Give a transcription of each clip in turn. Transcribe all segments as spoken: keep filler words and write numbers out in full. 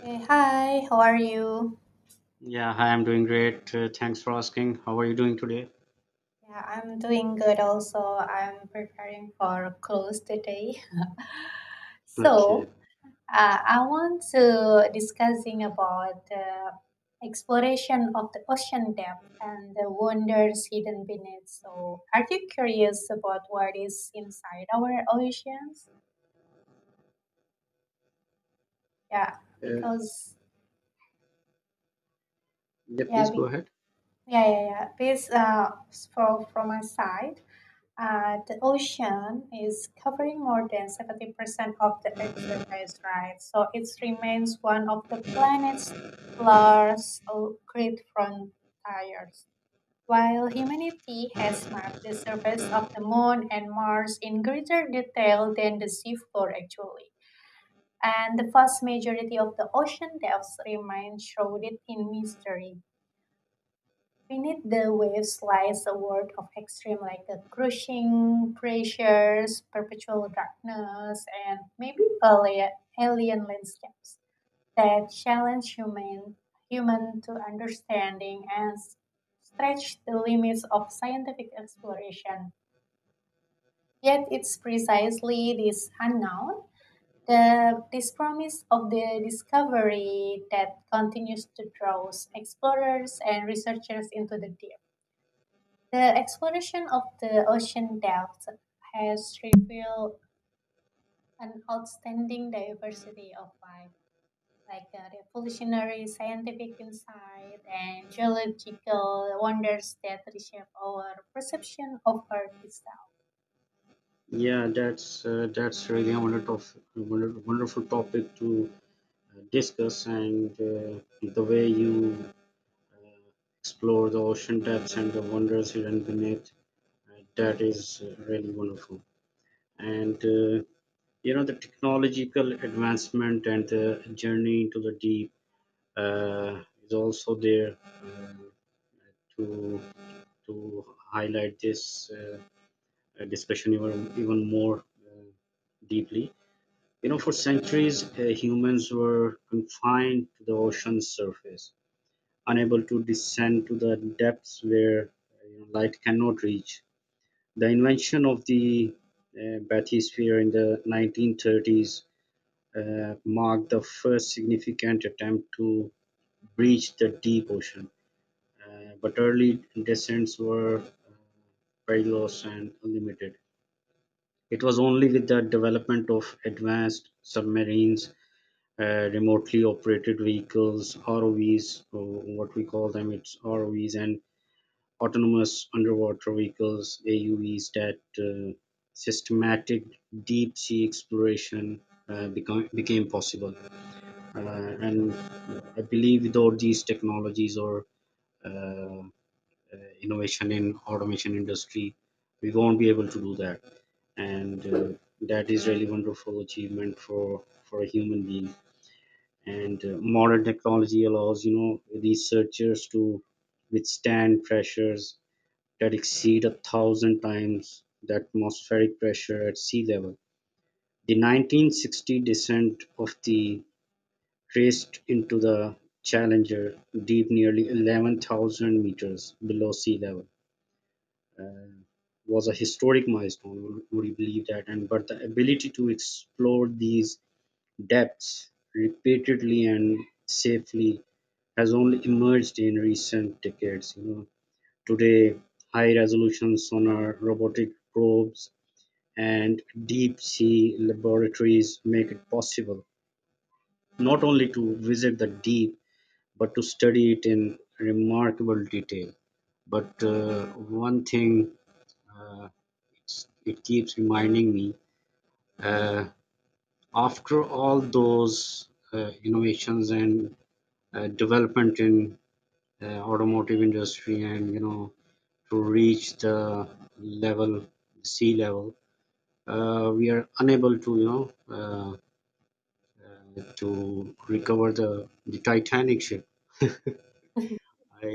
Hey, hi, how are you? Yeah, hi, I'm doing great. Uh, thanks for asking. How are you doing today? Yeah, I'm doing good also. I'm preparing for close today. Okay. So, uh, I want to discussing about the exploration of the ocean depth and the wonders hidden beneath. So, are you curious about what is inside our oceans? Yeah, Uh, because yeah, yeah, please go be, ahead. yeah, yeah, yeah. This uh, for from my side. Uh, the ocean is covering more than seventy percent of the Earth's surface, right? So it remains one of the planet's largest uh, great frontiers. While humanity has mapped the surface of the Moon and Mars in greater detail than the seafloor, actually, and the vast majority of the ocean depths remain shrouded in mystery. Beneath the waves lies a world of extreme, like a crushing pressures, perpetual darkness, and maybe alien, alien landscapes that challenge human human to understanding and s- stretch the limits of scientific exploration. Yet it's precisely this unknown, the this promise of the discovery that continues to draw explorers and researchers into the deep. The exploration of the ocean depths has revealed an outstanding diversity of life, like a revolutionary scientific insight and geological wonders that reshape our perception of Earth itself. Yeah, that's uh, that's really a wonderful, wonder- wonderful topic to uh, discuss, and uh, the way you explore the ocean depths and the wonders hidden beneath, uh, that is uh, really wonderful. And uh, you know the technological advancement and the journey into the deep uh, is also there, uh, to to highlight this uh, uh, discussion even, even more uh, deeply. You know, for centuries, uh, humans were confined to the ocean's surface, unable to descend to the depths where, uh, you know, light cannot reach. The invention of the uh, bathysphere in the nineteen thirties uh, marked the first significant attempt to breach the deep ocean. Uh, but early descents were uh, perilous and limited. It was only with the development of advanced submarines, uh, remotely operated vehicles, R O Vs, uh, what we call them, it's R O Vs, and autonomous underwater vehicles, A U Vs, that uh, systematic deep sea exploration uh, become, became possible. Uh, and I believe without these technologies or uh, uh, innovation in automation industry we won't be able to do that, and uh, that is really wonderful achievement for for a human being. And uh, modern technology allows, you know, researchers to withstand pressures that exceed a thousand times the atmospheric pressure at sea level. The nineteen sixty descent of the traced into the Challenger deep nearly eleven thousand meters below sea level. Uh, was a historic milestone. Would you believe that? And but the ability to explore these depths repeatedly and safely has only emerged in recent decades. You know, today high-resolution sonar, robotic probes, and deep-sea laboratories make it possible not only to visit the deep but to study it in remarkable detail. But uh, one thing, uh, it's, it keeps reminding me. Uh, After all those uh, innovations and uh, development in uh, automotive industry and, you know, to reach the level, sea level, uh, we are unable to, you know, uh, uh, to recover the the titanic ship. I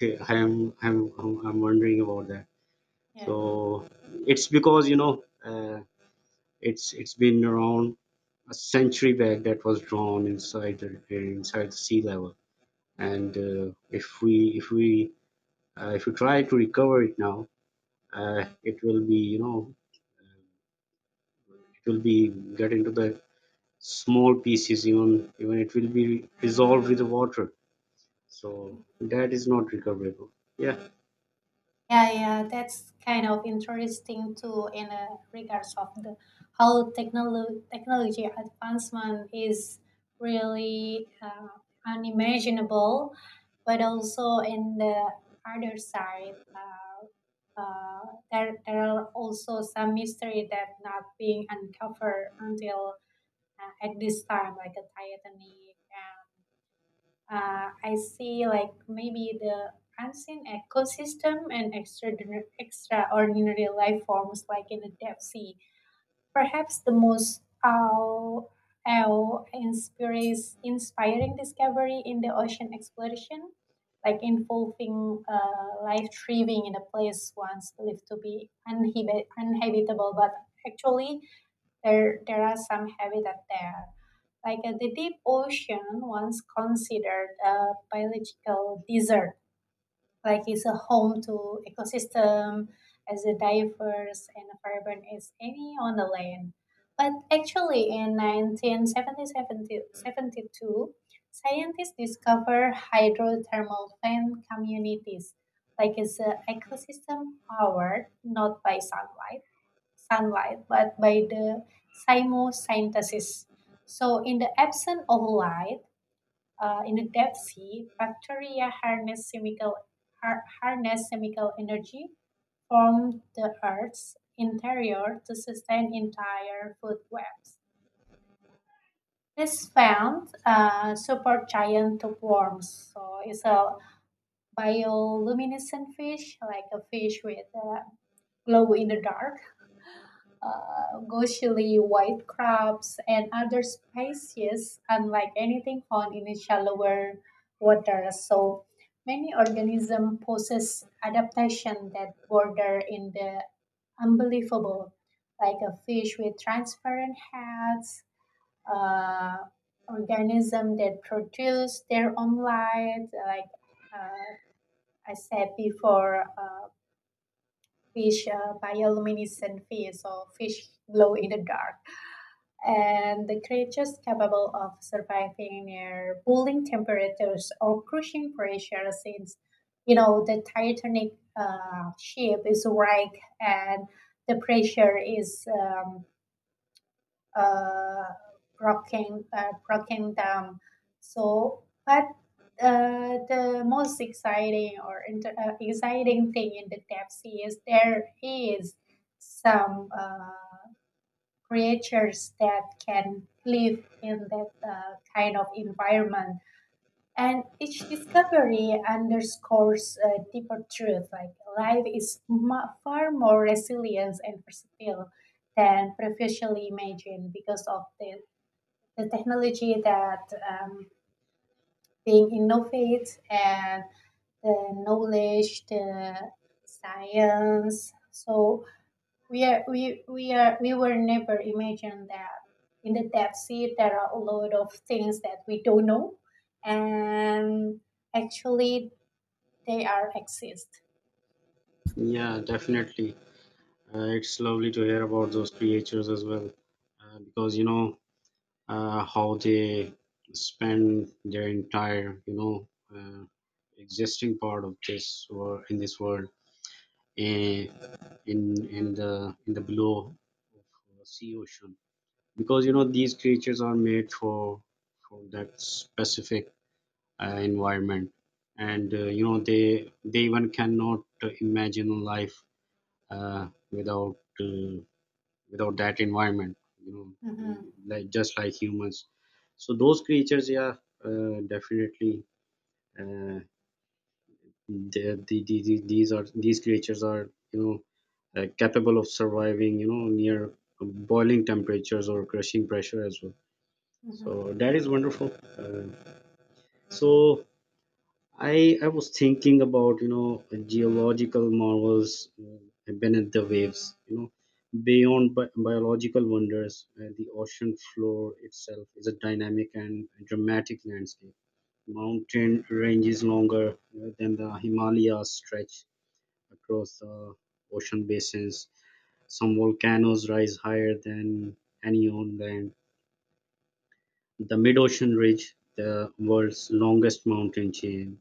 I am I'm I'm I'm wondering about that. So Yeah. it's because, you know, uh, It's it's been around a century back that was drawn inside the inside the sea level. And uh, if we if we uh, if we try to recover it now, uh, it will be, you know, it will be get into the small pieces, even even it will be dissolved with the water. So Hmm. that is not recoverable. Yeah. Yeah, yeah, that's kind of interesting too in uh, regards of the how technolo- technology advancement is really uh, unimaginable, but also in the other side, uh, uh, there there are also some mystery that not being uncovered until uh, at this time, like the Titanic. uh, I see like maybe the unseen ecosystem and extraordinar- extraordinary life forms like in the deep sea. Perhaps the most awe, awe inspires, inspiring discovery in the ocean exploration, like involving uh, life thriving in a place once believed to be uninhib- uninhabitable, but actually there, there are some habitat there. Like uh, the deep ocean, once considered a biological desert, like it's a home to ecosystem as diverse and vibrant as any on the land. But actually, in nineteen seventy-two, scientists discovered hydrothermal fan communities, like it's an ecosystem powered not by sunlight sunlight but by the chemosynthesis. So, in the absence of light, uh, in the deep sea, bacteria harness chemical har- harness chemical energy from the Earth's interior to sustain entire food webs. This found uh, supergiant worms. So it's a bioluminescent fish, like a fish with uh, glow in the dark. Uh, ghostly white crabs and other species unlike anything found in the shallower water. So many organisms possess adaptation that border in the unbelievable, like a fish with transparent heads, uh, organism that produce their own light, like uh, I said before, uh, fish, uh, bioluminescent fish, or fish glow in the dark, and the creatures capable of surviving near boiling temperatures or crushing pressure since you know the titanic uh, ship is wrecked and the pressure is um, uh, broken uh, broken down. So but uh, the most exciting or inter- uh, exciting thing in the depth sea is there is some uh, creatures that can live in that uh, kind of environment. And each discovery underscores a deeper truth like life is mu- far more resilient and versatile than previously imagined because of the, the technology that um, being innovated and the knowledge, the science. So we are we we are we were never imagined that in the depth sea there are a lot of things that we don't know, and actually they are exist. Yeah, definitely, uh, it's lovely to hear about those creatures as well, uh, because, you know, uh, how they spend their entire, you know, uh, existing part of this or in this world, in in in the in the below of uh, sea ocean, because, you Mm-hmm. know, these creatures are made for for that specific uh, environment. And uh, you know they they even cannot uh, imagine life uh, without uh, without that environment, you know, we, Mm-hmm. like just like humans, so those creatures. Yeah, uh, definitely. uh, the, the, the, the- these are, these creatures are, you know, uh, capable of surviving, you know, near boiling temperatures or crushing pressure as well, Mm-hmm. so that is wonderful. Uh, so I I was thinking about, you know, geological marvels uh, beneath the waves, you know, beyond bi- biological wonders. Uh, the ocean floor itself is a dynamic and dramatic landscape. Mountain ranges longer uh, than the Himalayas stretch across the ocean basins. Some volcanoes rise higher than any on land. The mid-ocean ridge, the world's longest mountain chain,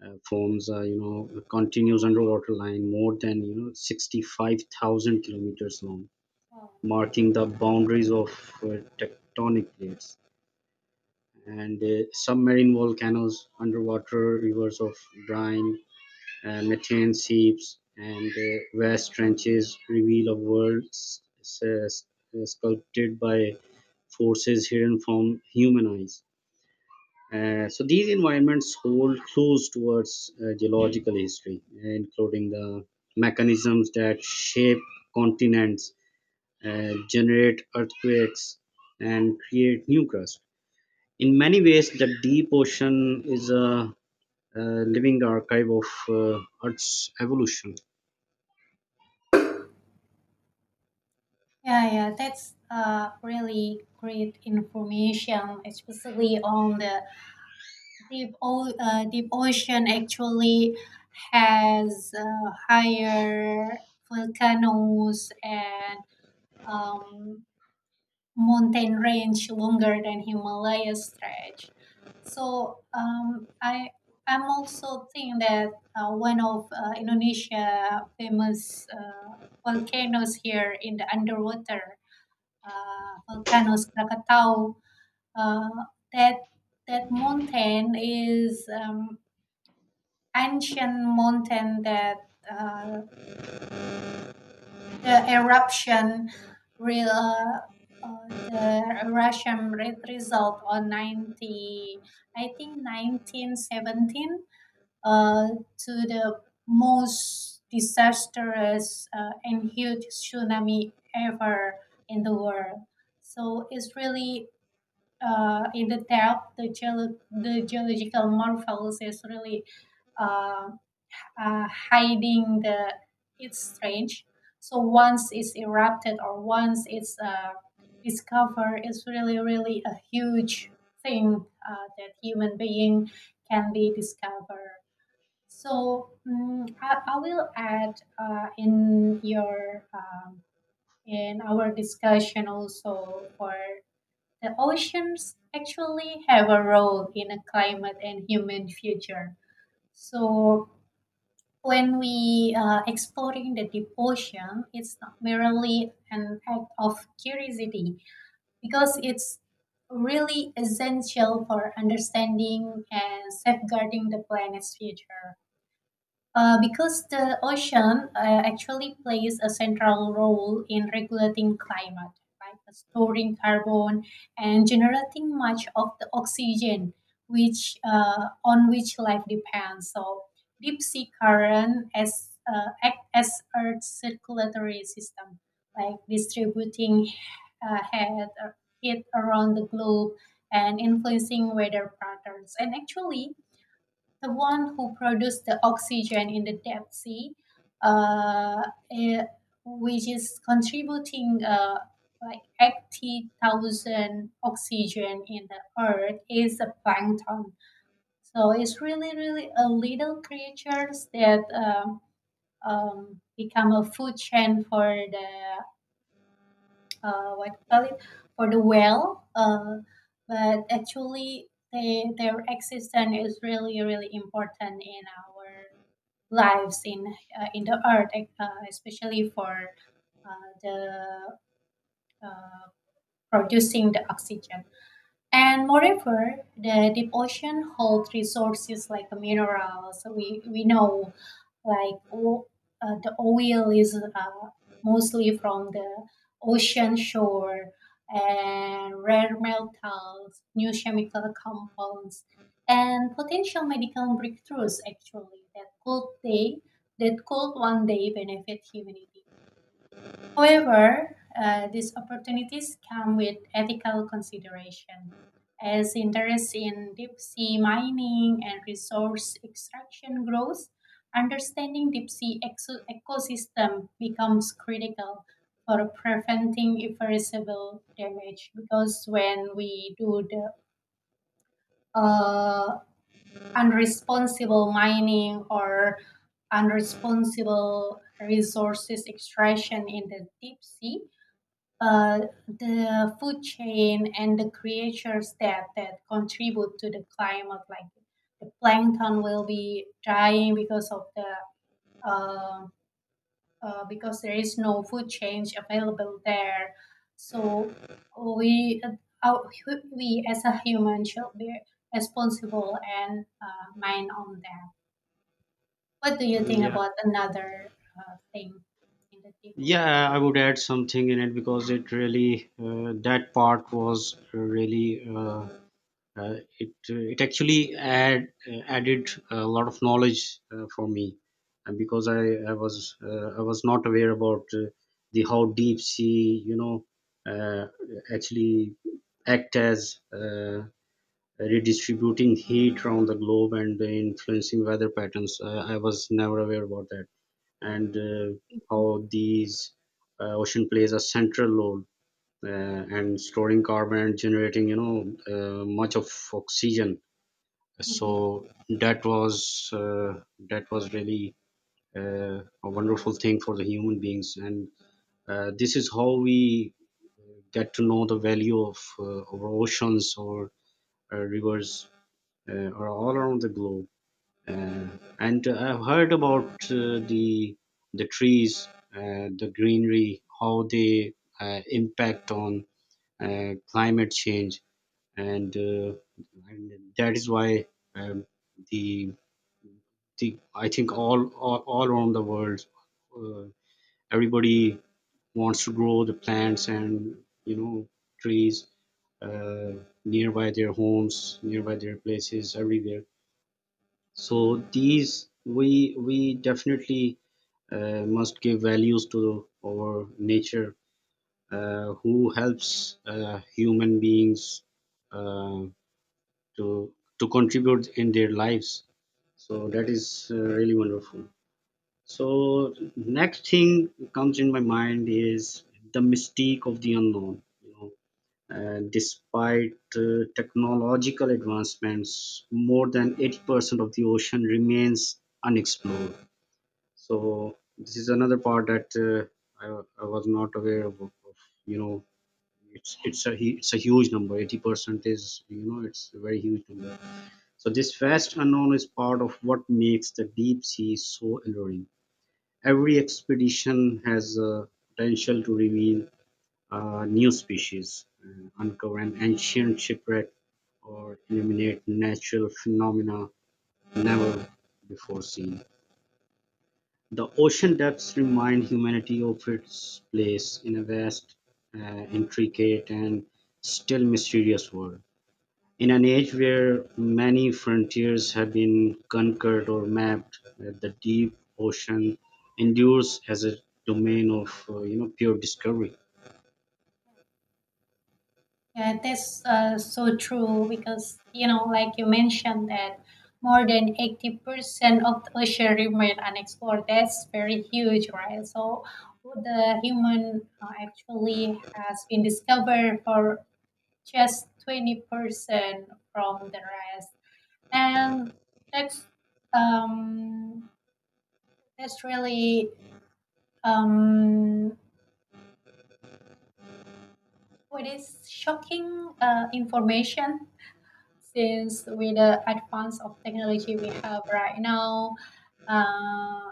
uh, forms, uh, you know, a continuous underwater line more than, you know, sixty-five thousand kilometers long, Wow. marking the boundaries of uh, tectonic plates. And uh, submarine volcanoes, underwater rivers of brine, uh, methane seeps, and uh, vast trenches reveal a world s- s- uh, sculpted by forces hidden from human eyes. Uh, so these environments hold clues towards uh, geological history, including the mechanisms that shape continents, uh, generate earthquakes, and create new crust. In many ways, the deep ocean is a, uh living archive of uh, Earth's evolution. Yeah, yeah, that's uh, really great information, especially on the deep o- uh, deep ocean. Actually, has uh, higher volcanoes and um, mountain range longer than Himalaya stretch. So um, I I'm also think that uh, one of uh, Indonesia famous uh, volcanoes here in the underwater uh, volcanoes Krakatau. Uh, that that mountain is um, ancient mountain that uh, the eruption real uh, the Russian re- result on ninety I think nineteen seventeen, uh, to the most disastrous uh, and huge tsunami ever in the world. So it's really uh, in the depth, the, geolo- the geological marvels is really uh, uh, hiding the its strange. So once it's erupted or once it's uh, discovered, it's really really a huge thing uh, that human being can be discovered. So mm, I, I will add uh, in your um, in our discussion also for the oceans actually have a role in a climate and human future. So when we are exploring the deep ocean, it's not merely an act of curiosity because it's really essential for understanding and safeguarding the planet's future. Uh, because the ocean uh, actually plays a central role in regulating climate, right? Storing carbon and generating much of the oxygen which uh, on which life depends. So deep sea current as uh, act as Earth's circulatory system, like distributing uh, heat uh, heat around the globe and influencing weather patterns. And actually, the one who produced the oxygen in the deep sea, uh, eh, which is contributing uh, like eighty thousand oxygen in the earth, is a plankton. So it's really, really a little creatures that um, um, become a food chain for the, uh, what you call it, for the whale. Uh, but actually, they, their existence is really, really important in our lives in uh, in the earth, e- uh, especially for uh, the uh, producing the oxygen. And moreover, the deep ocean holds resources like minerals. We we know like o- uh, the oil is uh, mostly from the ocean shore and rare metals, new chemical compounds, and potential medical breakthroughs actually that could they that could one day benefit humanity. However, uh, these opportunities come with ethical consideration, as interest in deep sea mining and resource extraction grows. Understanding deep sea exo- ecosystem becomes critical for preventing irreversible damage because when we do the uh, unresponsible mining or unresponsible resources extraction in the deep sea, uh, the food chain and the creatures that that contribute to the climate like the plankton will be dying because of the uh, uh, because there is no food chain available there. So we uh, our- we as a human should be responsible and uh, mind on that. What do you think Yeah, about another uh, thing in the deep ocean? yeah, I would add something in it, because it really, uh, that part was really. Uh, uh, it uh, it actually add, uh, added a lot of knowledge uh, for me. And because i i was, uh, I was not aware about uh, the how deep sea, you know, uh, actually act as, uh, redistributing heat around the globe and influencing weather patterns. uh, I was never aware about that. And uh, how these uh, ocean plays a central role, uh, and storing carbon and generating, you know, uh, much of oxygen. So Mhm. that was uh, that was really uh, a wonderful thing for the human beings. And uh, this is how we get to know the value of uh, our oceans or uh, rivers uh, are all around the globe. Uh, and uh, I've heard about uh, the the trees, uh, the greenery, how they uh, impact on uh, climate change. And, uh, and that is why, um, the, the, I think all, all all around the world, uh, everybody wants to grow the plants and, you know, trees uh, nearby their homes, nearby their places, everywhere. So these we we definitely uh, must give values to our nature, uh, who helps uh, human beings. Uh, to to contribute in their lives, so that is uh, really wonderful. So next thing comes in my mind is the mystique of the unknown, you know, uh, despite uh, technological advancements, more than eighty percent of the ocean remains unexplored. So this is another part that, uh, I, I was not aware of, of you know, it's it's a hu- it's a huge number. eighty percent is, you know, it's a very huge number. So this vast unknown is part of what makes the deep sea so alluring. Every expedition has a potential to reveal a new species, uh, uncover an ancient shipwreck, or illuminate natural phenomena never before seen. The ocean depths remind humanity of its place in a vast, uh, intricate, and still mysterious world. In an age where many frontiers have been conquered or mapped, uh, the deep ocean endures as a domain of, uh, you know, pure discovery. Yeah, that's uh, so true because, you know, like you mentioned that more than eighty percent of the ocean remain unexplored. That's very huge, right? So the human uh, actually has been discovered for just twenty percent from the rest. And that's um that's really um what is shocking uh, information since with the advance of technology we have right now, uh,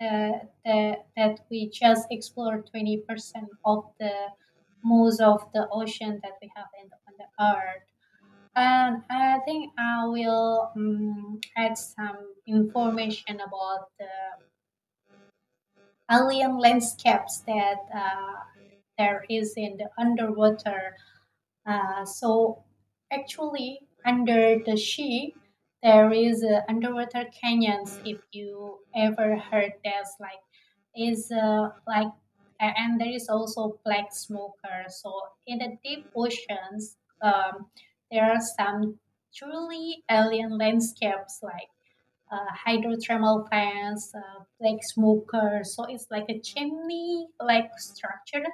that, that, that we just explore twenty percent of the most of the ocean that we have in, on the earth. And I think I will um, add some information about the alien landscapes that uh, there is in the underwater. Uh, so actually, under the sea, there is uh, underwater canyons. If you ever heard there's like is uh, like a- and there is also black smoker. So in the deep oceans, um, there are some truly alien landscapes like uh, hydrothermal fans, uh, like smoker. So it's like a chimney like structure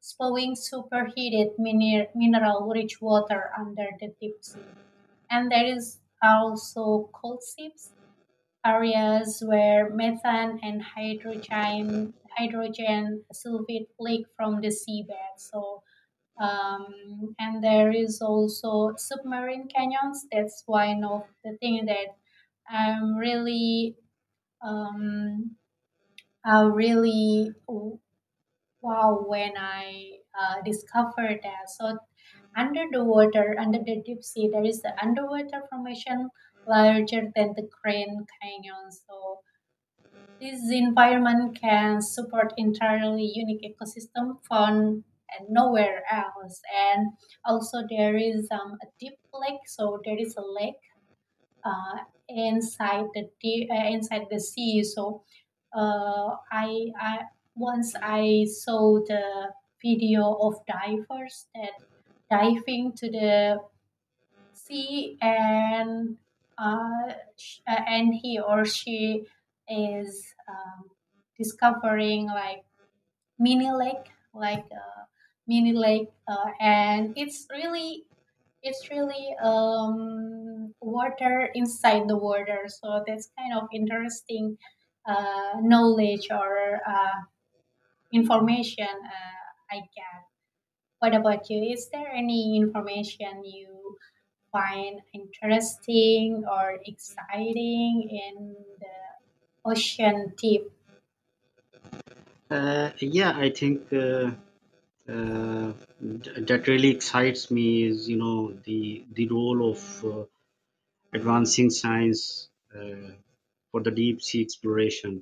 spewing superheated mineral rich water under the deep sea. And there is also cold seeps, areas where methane and hydrogen, hydrogen sulfate leak from the seabed. So um, and there is also submarine canyons. That's one of the thing that I'm really um, I really wow when I uh, discovered that. So under the water, under the deep sea, there is the underwater formation larger than the Grand Canyon. So this environment can support entirely unique ecosystem found and nowhere else. And also there is um, a deep lake. So there is a lake uh, inside the deep, uh, inside the sea. So uh, I, I once I saw the video of divers that diving to the sea and uh, sh- uh, and he or she is um, discovering like mini lake like a mini lake, uh, and it's really it's really um, water inside the water. So that's kind of interesting uh, knowledge or uh, information uh, I get. What about you? Is there any information you find interesting or exciting in the ocean tip? Uh, yeah, I think uh, uh, th- that really excites me is, you know, the the role of uh, advancing science uh, for the deep sea exploration.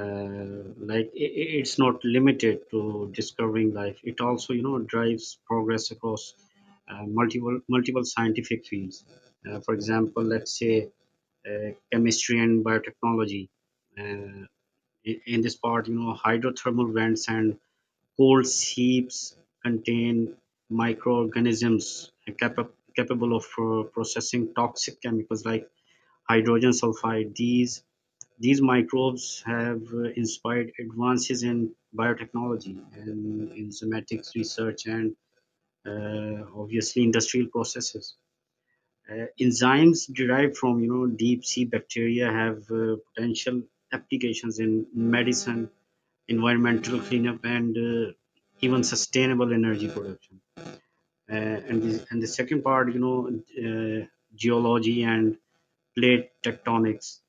uh, like, i i- it's not limited to discovering life. It also, you know, drives progress across uh, multiple multiple scientific fields. Uh, for example, let's say uh, chemistry and biotechnology. uh, i- in this part, you know, hydrothermal vents and cold seeps contain microorganisms capa- capable of uh, processing toxic chemicals like hydrogen sulfide. These these microbes have uh, inspired advances in biotechnology and in somatics research, and uh, obviously industrial processes. Uh, enzymes derived from, you know, deep sea bacteria have uh, potential applications in medicine, environmental cleanup, and uh, even sustainable energy production. Uh, and the, and the second part, you know, uh, geology and plate tectonics.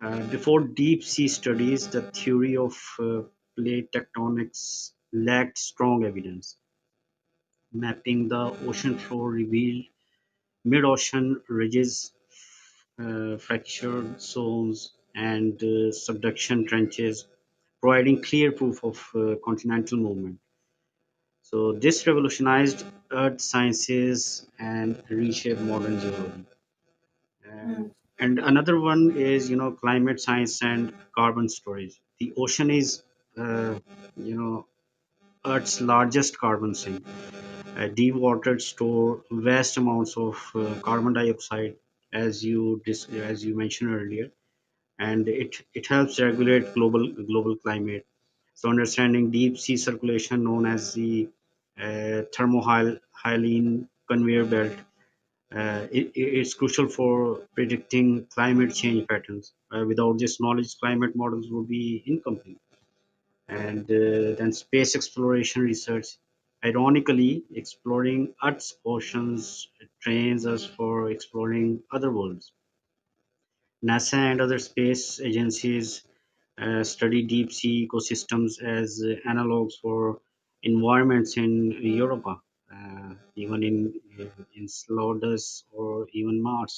uh, Before deep sea studies, the theory of uh, plate tectonics lacked strong evidence. Mapping the ocean floor revealed mid ocean ridges, uh, fractured zones, and uh, subduction trenches, providing clear proof of uh, continental movement. So this revolutionized earth sciences and reshaped modern geology. Uh, Mm, and another one is, you know, climate science and carbon storage. The ocean is, uh, you know, earth's largest carbon sink. Uh, dewatered store vast amounts of uh, carbon dioxide, as you dis- as you mentioned earlier, and it it helps regulate global global climate. So understanding deep sea circulation, known as the uh, thermohaline conveyor belt, uh, it, it's crucial for predicting climate change patterns. Uh, without this knowledge, climate models would be incomplete. And uh, then space exploration research. Ironically, exploring Earth's oceans trains us for exploring other worlds. NASA and other space agencies uh, study deep sea ecosystems as uh, analogs for environments in Europa, uh, even in in Slodus, or even Mars.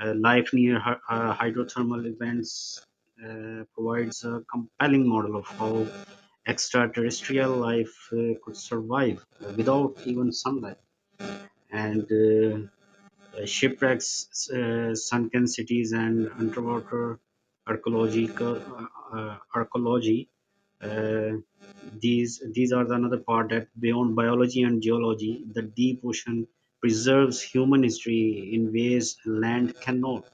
Uh, life near hy- uh, hydrothermal events uh, provides a compelling model of how extraterrestrial life uh, could survive uh, without even sunlight. And uh, uh, shipwrecks, uh, sunken cities, and underwater archaeological, uh, uh, archaeology. Uh, these these are the another part that beyond biology and geology, the deep ocean preserves human history in ways land cannot.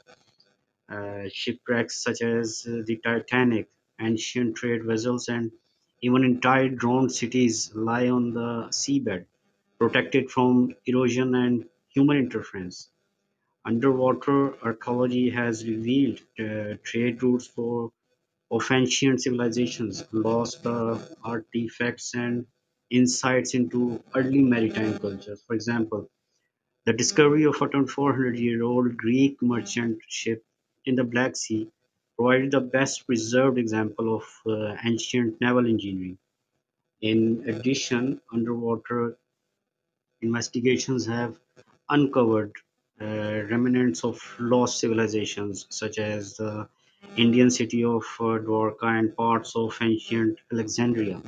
uh, Shipwrecks such as uh, the Titanic, ancient trade vessels, and even entire drowned cities lie on the seabed, protected from erosion and human interference. Underwater archaeology has revealed uh, trade routes for of ancient civilizations, lost uh, artifacts, and insights into early maritime cultures. For example, the discovery of a four hundred-year-old Greek merchant ship in the Black Sea provided the best preserved example of uh, ancient naval engineering. In addition, underwater investigations have uncovered uh, remnants of lost civilizations such as the Indian city of uh, Dwarka and parts of ancient Alexandria.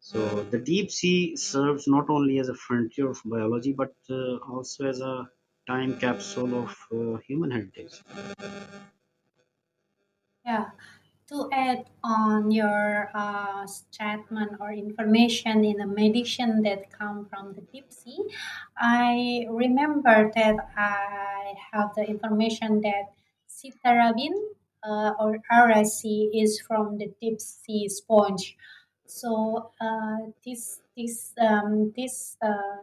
So the deep sea serves not only as a frontier of biology, but uh, also as a time capsule of uh, human heritage. yeah. to add on your uh, statement or information in the meditation that come from the deep sea, I remember that I have the information that citarabin, uh, or R S C, is from the deep sea sponge. So uh, this this um, this uh,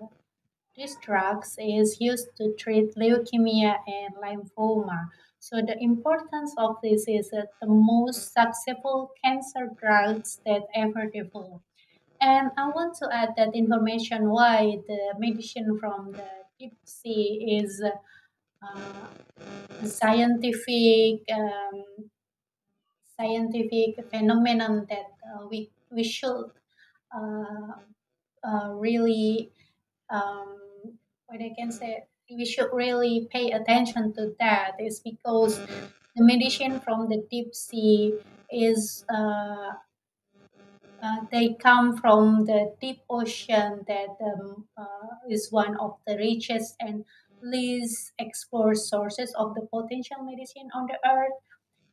this drug is used to treat leukemia and lymphoma. So the importance of this is that the most successful cancer drugs that ever developed. And I want to add that information why the medicine from the deep sea is uh, scientific. Um, scientific phenomenon that uh, we we should uh, uh, really, um, what I can say, we should really pay attention to that is because the medicine from the deep sea is uh, uh, they come from the deep ocean that um, uh, is one of the richest and least explored sources of the potential medicine on the earth.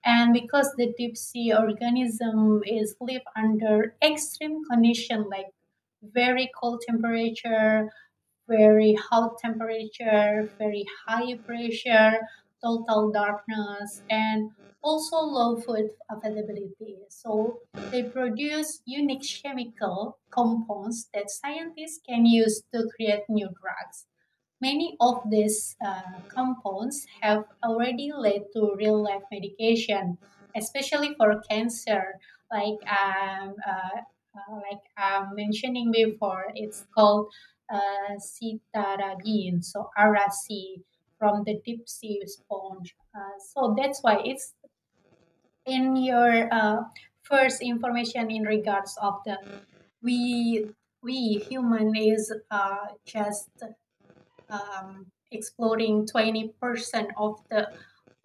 And because the deep sea organism is live under extreme condition like very cold temperature, very hot temperature, very high pressure, total darkness, and also low food availability, so they produce unique chemical compounds that scientists can use to create new drugs. Many of these uh, compounds have already led to real life medication, especially for cancer, like um, uh, uh, like I'm mentioning before. It's called uh, citarabine, so R C from the deep sea sponge. Uh, so that's why it's in your uh, first information in regards of the we we human is uh, just um, exploring twenty percent of the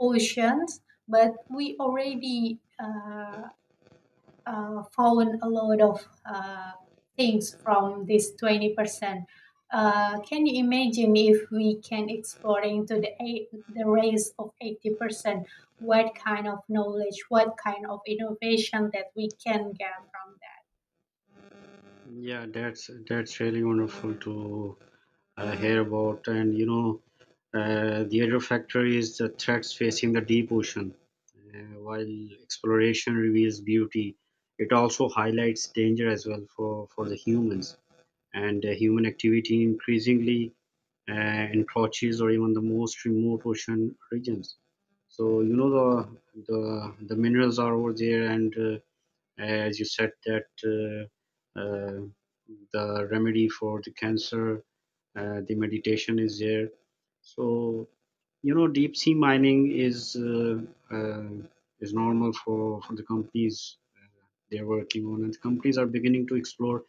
oceans, but we already uh, uh, found a lot of uh, things from this twenty percent. Uh, can you imagine if we can exploring to the eight, the raise of eighty percent? What kind of knowledge, what kind of innovation that we can get from that? Yeah, that's that's really wonderful to uh, hear about. And you know, uh, the other factor is the threats facing the deep ocean. Uh, while exploration reveals beauty, it also highlights danger as well for for the humans. And uh, human activity increasingly uh, encroaches or even the most remote ocean regions. So, you know, the the the minerals are over there, and uh, as you said that uh, uh, the remedy for the cancer, uh, the meditation is there. So, you know, deep sea mining is uh, uh, is normal for for the companies they're working on, and companies are beginning to explore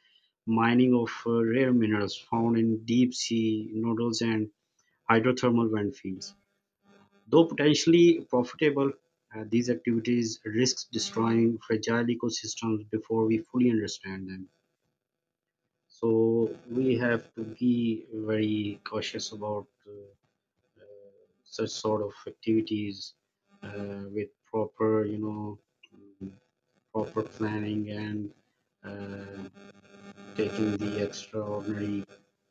mining of uh, rare minerals found in deep sea nodules and hydrothermal vent fields. Though potentially profitable, uh, these activities risks destroying fragile ecosystems before we fully understand them. So we have to be very cautious about uh, such sort of activities uh, with proper, you know, um, proper planning and uh, taking the extraordinary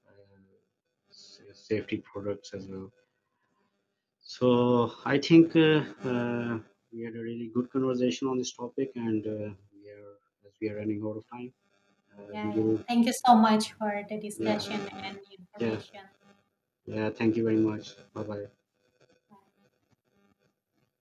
uh, safety products as well. So I think uh, uh, we had a really good conversation on this topic, and uh, we are, as we are running out of time, uh, Yeah, we yeah. will. Thank you so Uh, much for the discussion Yeah, and yeah, information. yeah. Thank you very much. Bye bye.